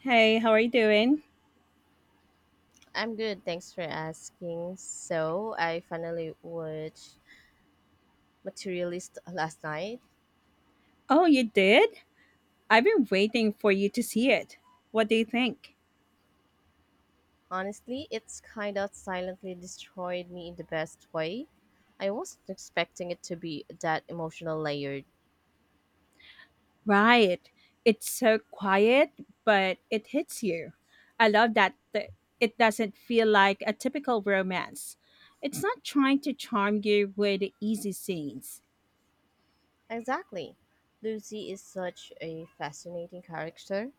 Hey, how are you doing? I'm good, thanks for asking. So, I finally watched Materialist last night. Oh, you did? I've been waiting for you to see it. What do you think? Honestly, it's kind of silently destroyed me in the best way. I wasn't expecting it to be that emotional layered. Right. It's so quiet, but it hits you. I love that it doesn't feel like a typical romance. It's not trying to charm you with easy scenes. Exactly. Lucy is such a fascinating character.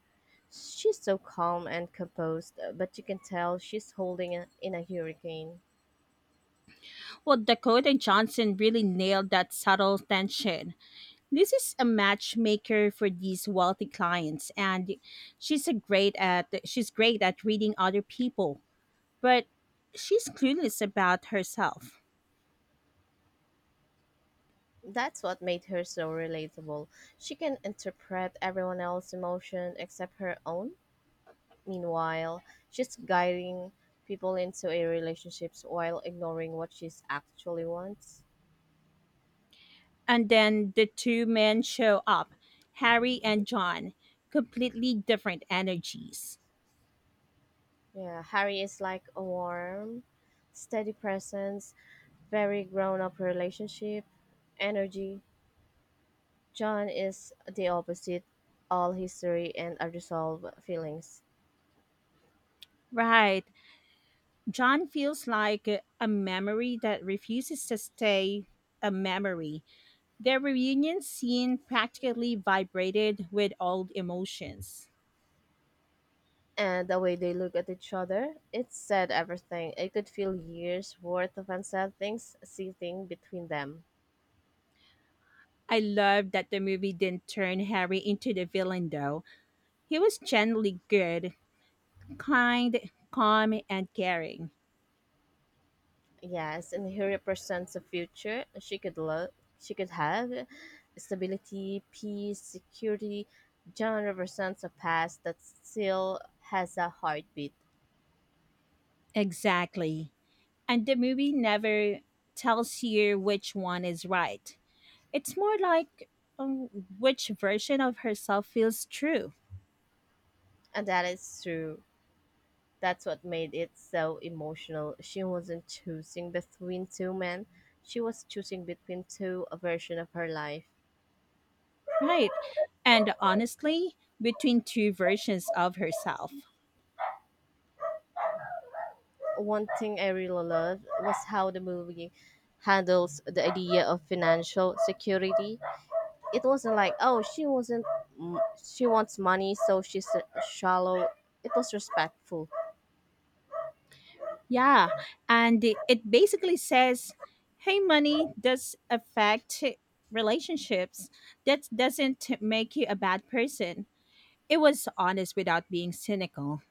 She's so calm and composed, but you can tell she's holding a, in a hurricane. Well, Dakota Johnson really nailed that subtle tension. This is a matchmaker for these wealthy clients and she's great at reading other people, but she's clueless about herself. That's what made her so relatable. She can interpret everyone else's emotion except her own. Meanwhile, she's guiding people into a relationships while ignoring what she's actually wants. And then the two men show up, Harry and John, completely different energies. Yeah, Harry is like a warm, steady presence, very grown up relationship, energy. John is the opposite, all history and unresolved feelings. Right. John feels like a memory that refuses to stay a memory. Their reunion scene practically vibrated with old emotions. And the way they look at each other, it said everything. I could feel years worth of unsaid things seething between them. I love that the movie didn't turn Harry into the villain, though. He was generally good, kind, calm, and caring. Yes, and he represents a future she could love, she could have stability, peace, security. John represents a past that still has a heartbeat, Exactly. And the movie never tells you which one is right. It's more like um, which version of herself feels true, and that is true. That's what made it so emotional. She wasn't choosing between two men; she was choosing between two a version of her life. right? And honestly, between two versions of herself. One thing I really loved was how the movie handles the idea of financial security. It wasn't like, oh, she wasn't, mm, she wants money, so she's shallow. It was respectful. Yeah, and it basically says, "Hey, money does affect relationships. That doesn't make you a bad person." It was honest without being cynical.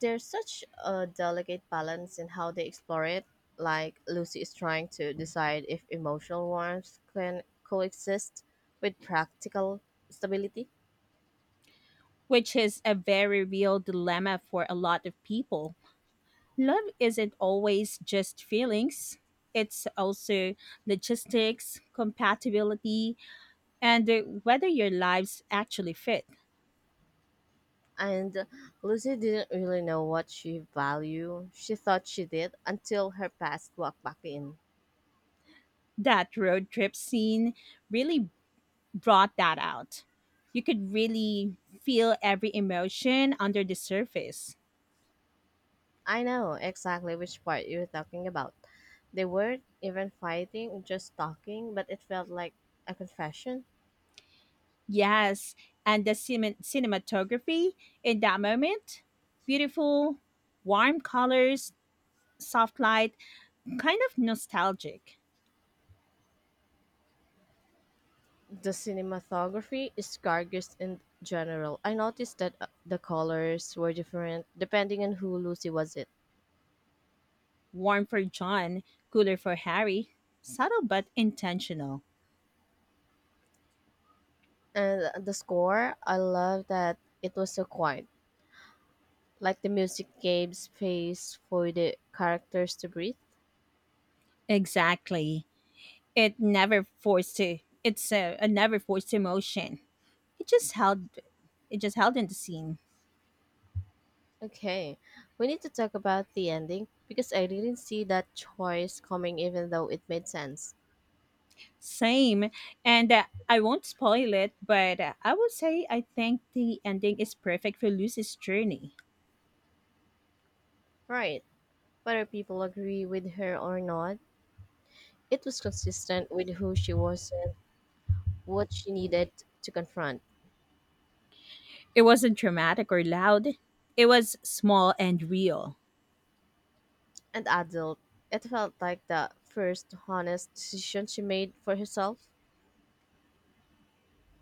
There's such a delicate balance in how they explore it, like Lucy is trying to decide if emotional warmth can coexist with practical stability. Which is a very real dilemma for a lot of people. Love isn't always just feelings, it's also logistics, compatibility, and whether your lives actually fit. And Lucy didn't really know what she valued. She thought she did until her past walked back in. That road trip scene really brought that out. You could really feel every emotion under the surface. I know exactly which part you're talking about. They weren't even fighting, just talking, but it felt like a confession. Yes, and the cinematography in that moment beautiful, warm colors, soft light, kind of nostalgic. The cinematography is gorgeous in general. I noticed that the colors were different depending on who Lucy was it. Warm for John, cooler for Harry. Subtle but intentional. And the score, I love that it was so quiet. Like the music gave space for the characters to breathe. Exactly. It never forced to. It's a never forced emotion. It just held. It just held in the scene. Okay, we need to talk about the ending because I didn't see that choice coming even though it made sense. Same, and I won't spoil it, but I will say I think the ending is perfect for Lucy's journey. Right. Whether people agree with her or not, it was consistent with who she was and what she needed to confront. It wasn't dramatic or loud. It was small and real. And adult, it felt like the first honest decision she made for herself.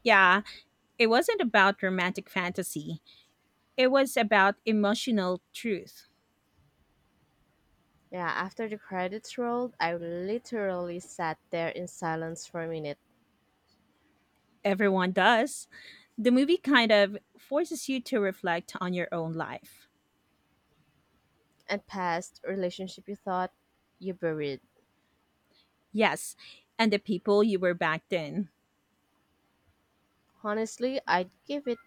Yeah, it wasn't about romantic fantasy. It was about emotional truth. Yeah, after the credits rolled, I literally sat there in silence for a minute Everyone does. The movie kind of forces you to reflect on your own life. and past relationship you thought you buried. Yes, and the people you were back then. Honestly, I'd give it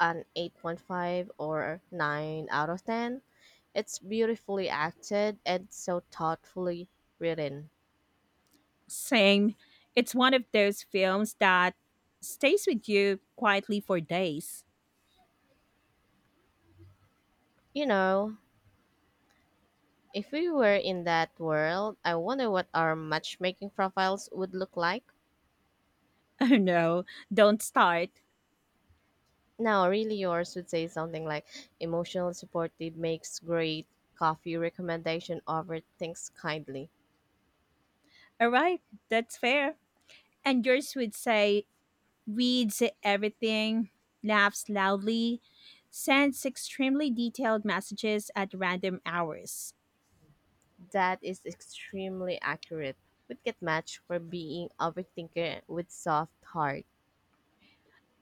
an 8.5 or 9 out of 10. It's beautifully acted and so thoughtfully written. Same. It's one of those films that stays with you quietly for days. You know, if we were in that world, I wonder what our matchmaking profiles would look like. Oh no, don't start. Now, really, yours would say something like emotional supported makes great coffee recommendation over thinks kindly. All right, that's fair. And yours would say, reads everything, laughs loudly, sends extremely detailed messages at random hours. That is extremely accurate. Would get matched for being overthinker with soft heart.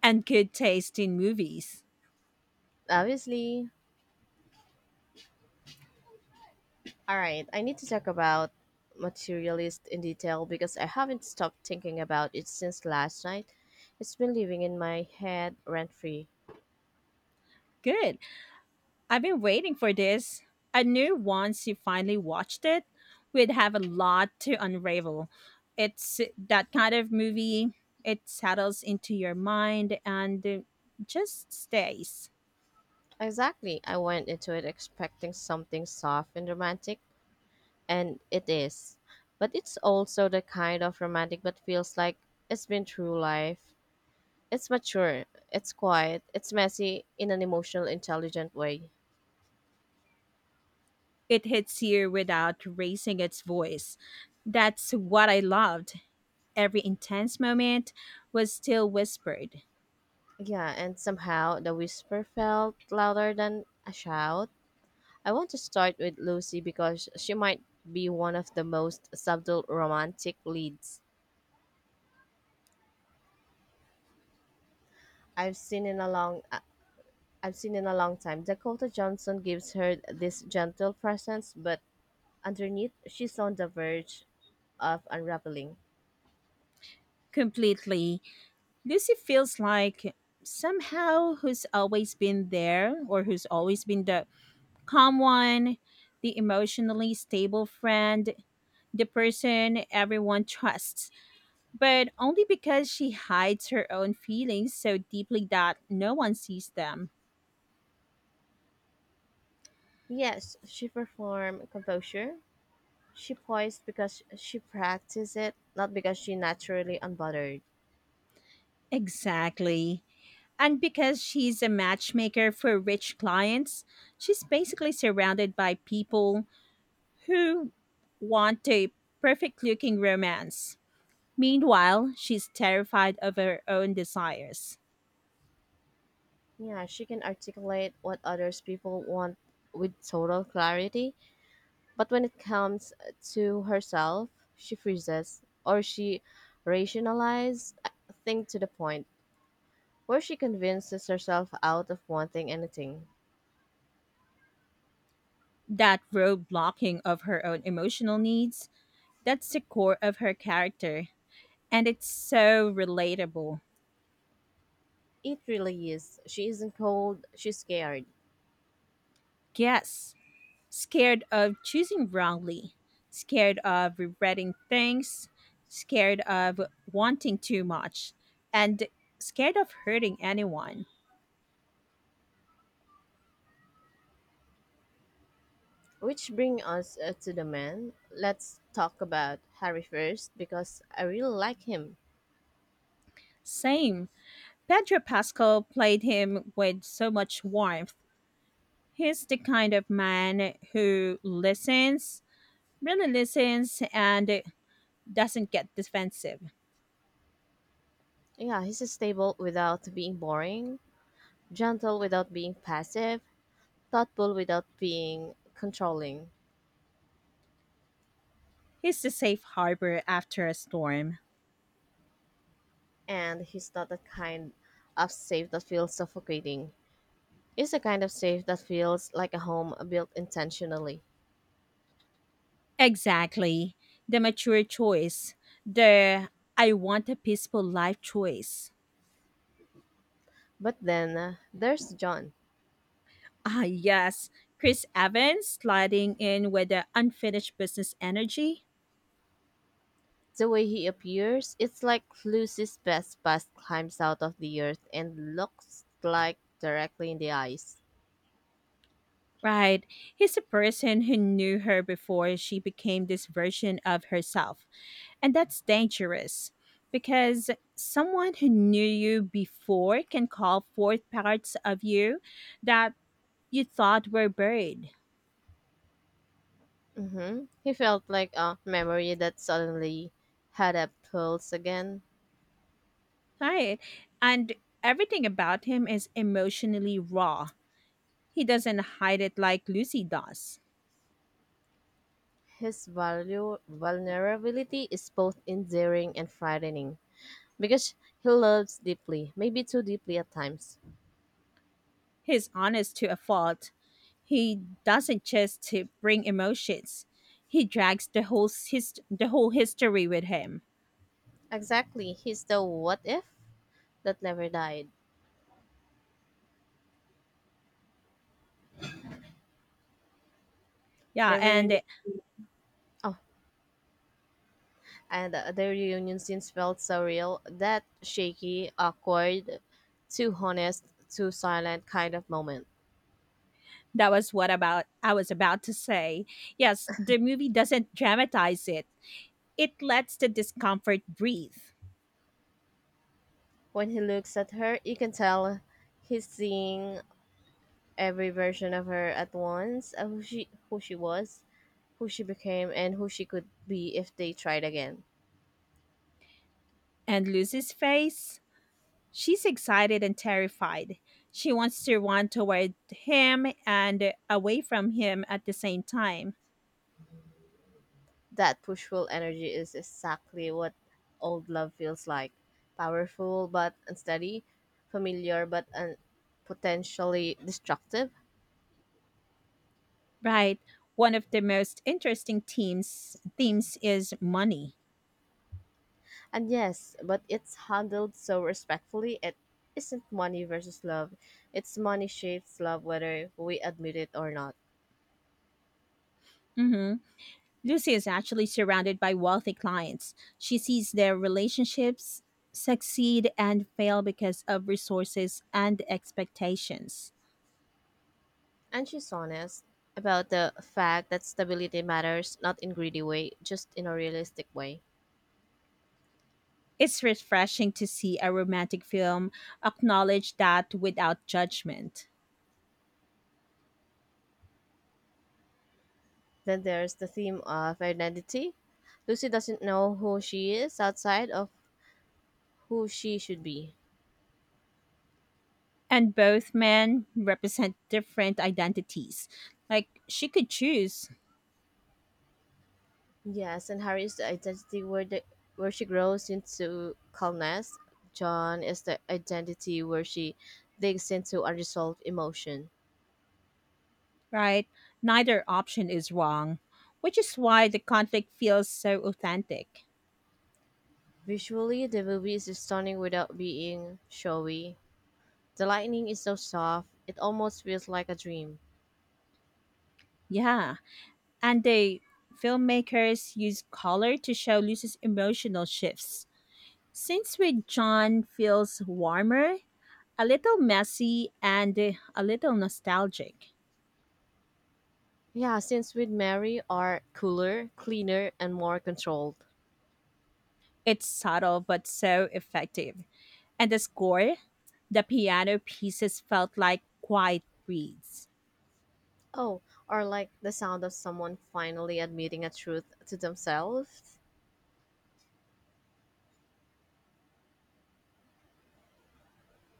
And good taste in movies. Obviously. All right, I need to talk about Materialist in detail because I haven't stopped thinking about it since last night. It's been living in my head rent free. Good. I've been waiting for this. I knew once you finally watched it, we'd have a lot to unravel. It's that kind of movie, it settles into your mind and just stays. Exactly, I went into it expecting something soft and romantic, and it is. But it's also the kind of romantic that feels like it's been through life. It's mature, it's quiet, it's messy in an emotional, intelligent way. It hits you without raising its voice. That's what I loved. Every intense moment was still whispered. Yeah, and somehow the whisper felt louder than a shout. I want to start with Lucy because she might be one of the most subtle romantic leads I've seen in a long uh, I've seen in a long time. Dakota Johnson gives her this gentle presence, but underneath she's on the verge of unraveling. Completely. Lucy feels like somehow who's always been there or who's always been the calm one, the emotionally stable friend, the person everyone trusts, but only because she hides her own feelings so deeply that no one sees them. Yes, she performed composure. She poised because she practiced it, not because she naturally unbothered. Exactly. And because she's a matchmaker for rich clients, she's basically surrounded by people who want a perfect looking romance. Meanwhile, she's terrified of her own desires. Yeah, she can articulate what others people want with total clarity. But when it comes to herself, she freezes, or she rationalizes things to the point where she convinces herself out of wanting anything. That road blocking of her own emotional needs, that's the core of her character. And it's so relatable. It really is. She isn't cold, she's scared. Yes, scared of choosing wrongly, scared of regretting things, scared of wanting too much, and scared of hurting anyone. Which brings us to the man. Let's talk about Harry first because I really like him. Same. Pedro Pascal played him with so much warmth. He's the kind of man who listens, really listens, and doesn't get defensive. Yeah, he's stable without being boring, gentle without being passive, thoughtful without being controlling. He's the safe harbor after a storm. And he's not the kind of safe that feels suffocating. He's the kind of safe that feels like a home built intentionally. Exactly. The mature choice. The I want a peaceful life choice. But then there's John. Ah, yes. Chris Evans sliding in with the unfinished business energy. The way he appears, it's like Lucy's best past climbs out of the earth and looks like directly in the eyes. Right. He's a person who knew her before she became this version of herself. And that's dangerous because someone who knew you before can call forth parts of you that you thought were buried. Mm-hmm. He felt like a memory that suddenly had a pulse again. Right. And everything about him is emotionally raw. He doesn't hide it like Lucy does. His value, vulnerability is both endearing and frightening. Because he loves deeply, maybe too deeply at times. He's honest to a fault. He doesn't just to bring emotions. He drags the whole history with him. Exactly. He's the what if that never died. Yeah, The reunion, and oh, and the reunion scenes felt so real. That shaky, awkward, too honest, too silent kind of moment. that was what about I was about to say. Yes, the movie doesn't dramatize it. It lets the discomfort breathe. When he looks at her, you can tell he's seeing every version of her at once, who she was, who she became, and who she could be if they tried again. And Lucy's face? She's excited and terrified. She wants to run toward him and away from him at the same time. That pushful energy is exactly what old love feels like, powerful but unsteady, familiar but potentially destructive. Right. One of the most interesting themes is money. And yes, but it's handled so respectfully, it isn't money versus love. It's money shapes love whether we admit it or not. Mhm. Lucy is actually surrounded by wealthy clients. She sees their relationships succeed and fail because of resources and expectations. And she's honest about the fact that stability matters, not in greedy way, just in a realistic way. It's refreshing to see a romantic film acknowledge that without judgment. Then there's the theme of identity. Lucy doesn't know who she is outside of who she should be. And both men represent different identities. Like she could choose. Yes, and Harry is the identity where the where she grows into calmness. John is the identity where she digs into unresolved emotion. Right? Neither option is wrong, which is why the conflict feels so authentic. Visually, the movie is stunning without being showy. The lightning is so soft, it almost feels like a dream. Yeah, and the filmmakers use color to show Lucy's emotional shifts. Since with John feels warmer, a little messy and a little nostalgic. Yeah, scenes with Mary are cooler, cleaner, and more controlled. It's subtle but so effective. And the score? The piano pieces felt like quiet breeds. Oh, or like the sound of someone finally admitting a truth to themselves.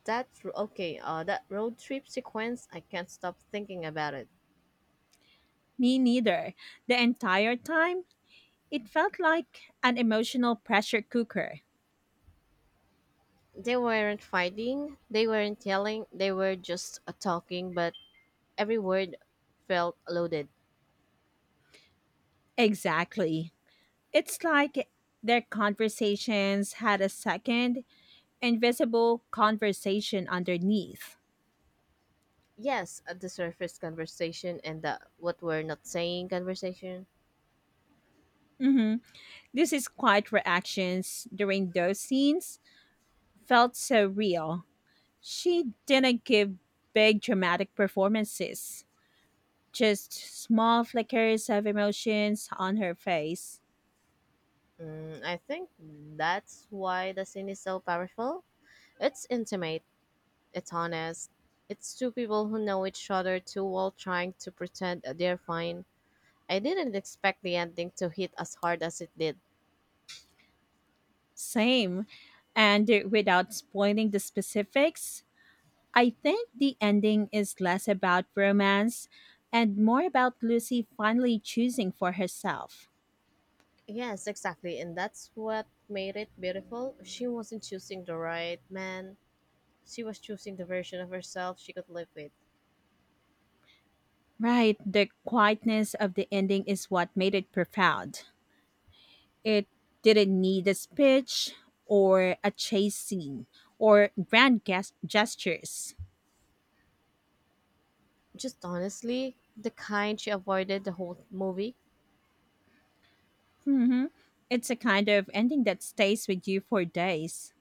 That okay, that road trip sequence, I can't stop thinking about it. Me neither. The entire time, it felt like an emotional pressure cooker. They weren't fighting, they weren't yelling, they were just talking, but every word felt loaded. Exactly. It's like their conversations had a second, invisible conversation underneath. Yes, at the surface conversation and the what we're not saying conversation. Hmm. This is quiet reactions during those scenes felt so real. She didn't give big dramatic performances, just small flickers of emotions on her face. Mm, I think that's why the scene is so powerful. It's intimate. It's honest. It's two people who know each other too well trying to pretend they're fine. I didn't expect the ending to hit as hard as it did. Same. And without spoiling the specifics, I think the ending is less about romance and more about Lucy finally choosing for herself. Yes, exactly. And that's what made it beautiful. She wasn't choosing the right man, she was choosing the version of herself she could live with. Right, the quietness of the ending is what made it profound. It didn't need a speech or a chase scene or gestures. Just honestly, the kind she avoided the whole movie. Hmm. It's a kind of ending that stays with you for days.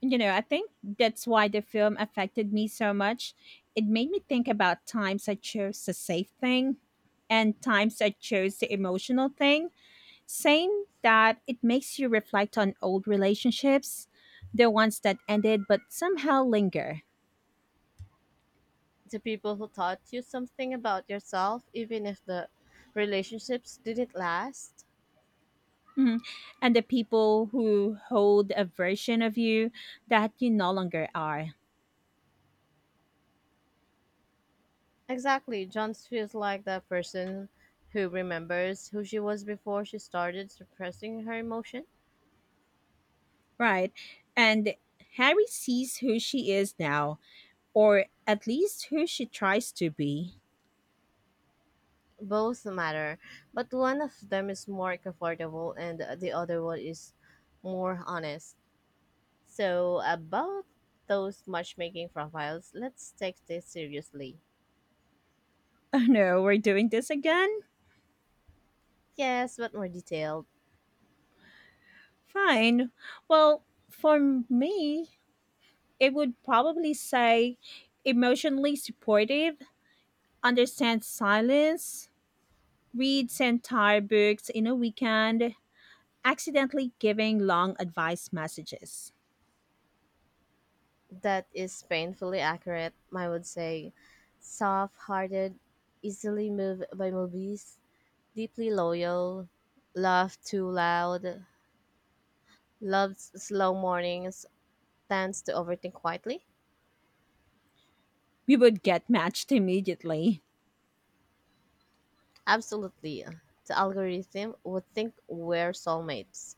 You know, I think that's why the film affected me so much. It made me think about times I chose the safe thing and times I chose the emotional thing, saying that it makes you reflect on old relationships, the ones that ended but somehow linger. The people who taught you something about yourself, even if the relationships didn't last. Mhm. And the people who hold a version of you that you no longer are. Exactly. John feels like that person who remembers who she was before she started suppressing her emotion. Right. And Harry sees who she is now, or at least who she tries to be. Both matter, but one of them is more comfortable and the other one is more honest. So, about those matchmaking profiles, let's take this seriously. Oh no, we're doing this again? Yes, but more detailed. Fine. Well, for me, it would probably say emotionally supportive, understands silence, reads entire books in a weekend, accidentally giving long advice messages. That is painfully accurate, I would say. Soft hearted, easily moved by movies, deeply loyal, laugh too loud, loves slow mornings, tends to overthink quietly? We would get matched immediately. Absolutely. The algorithm would think we're soulmates.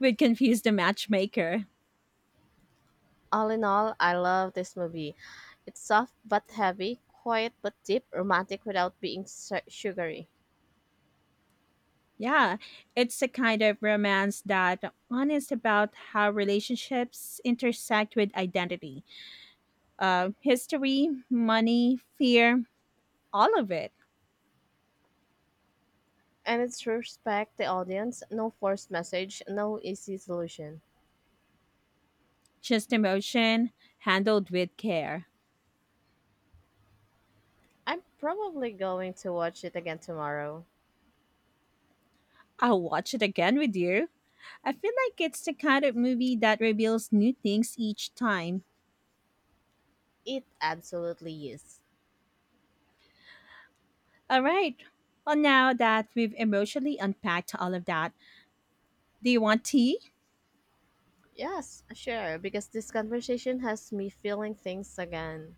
Would confuse the matchmaker. All in all, I love this movie. It's soft but heavy, quiet but deep, romantic without being sugary. Yeah, it's a kind of romance that honest about how relationships intersect with identity, history, money, fear, all of it. And it's respect the audience, no forced message, no easy solution. Just emotion handled with care. I'm probably going to watch it again tomorrow. I'll watch it again with you. I feel like it's the kind of movie that reveals new things each time. It absolutely is. All right. Well, now that we've emotionally unpacked all of that, do you want tea? Yes, sure, because this conversation has me feeling things again.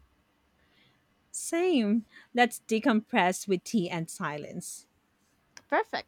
Same. Let's decompress with tea and silence. Perfect.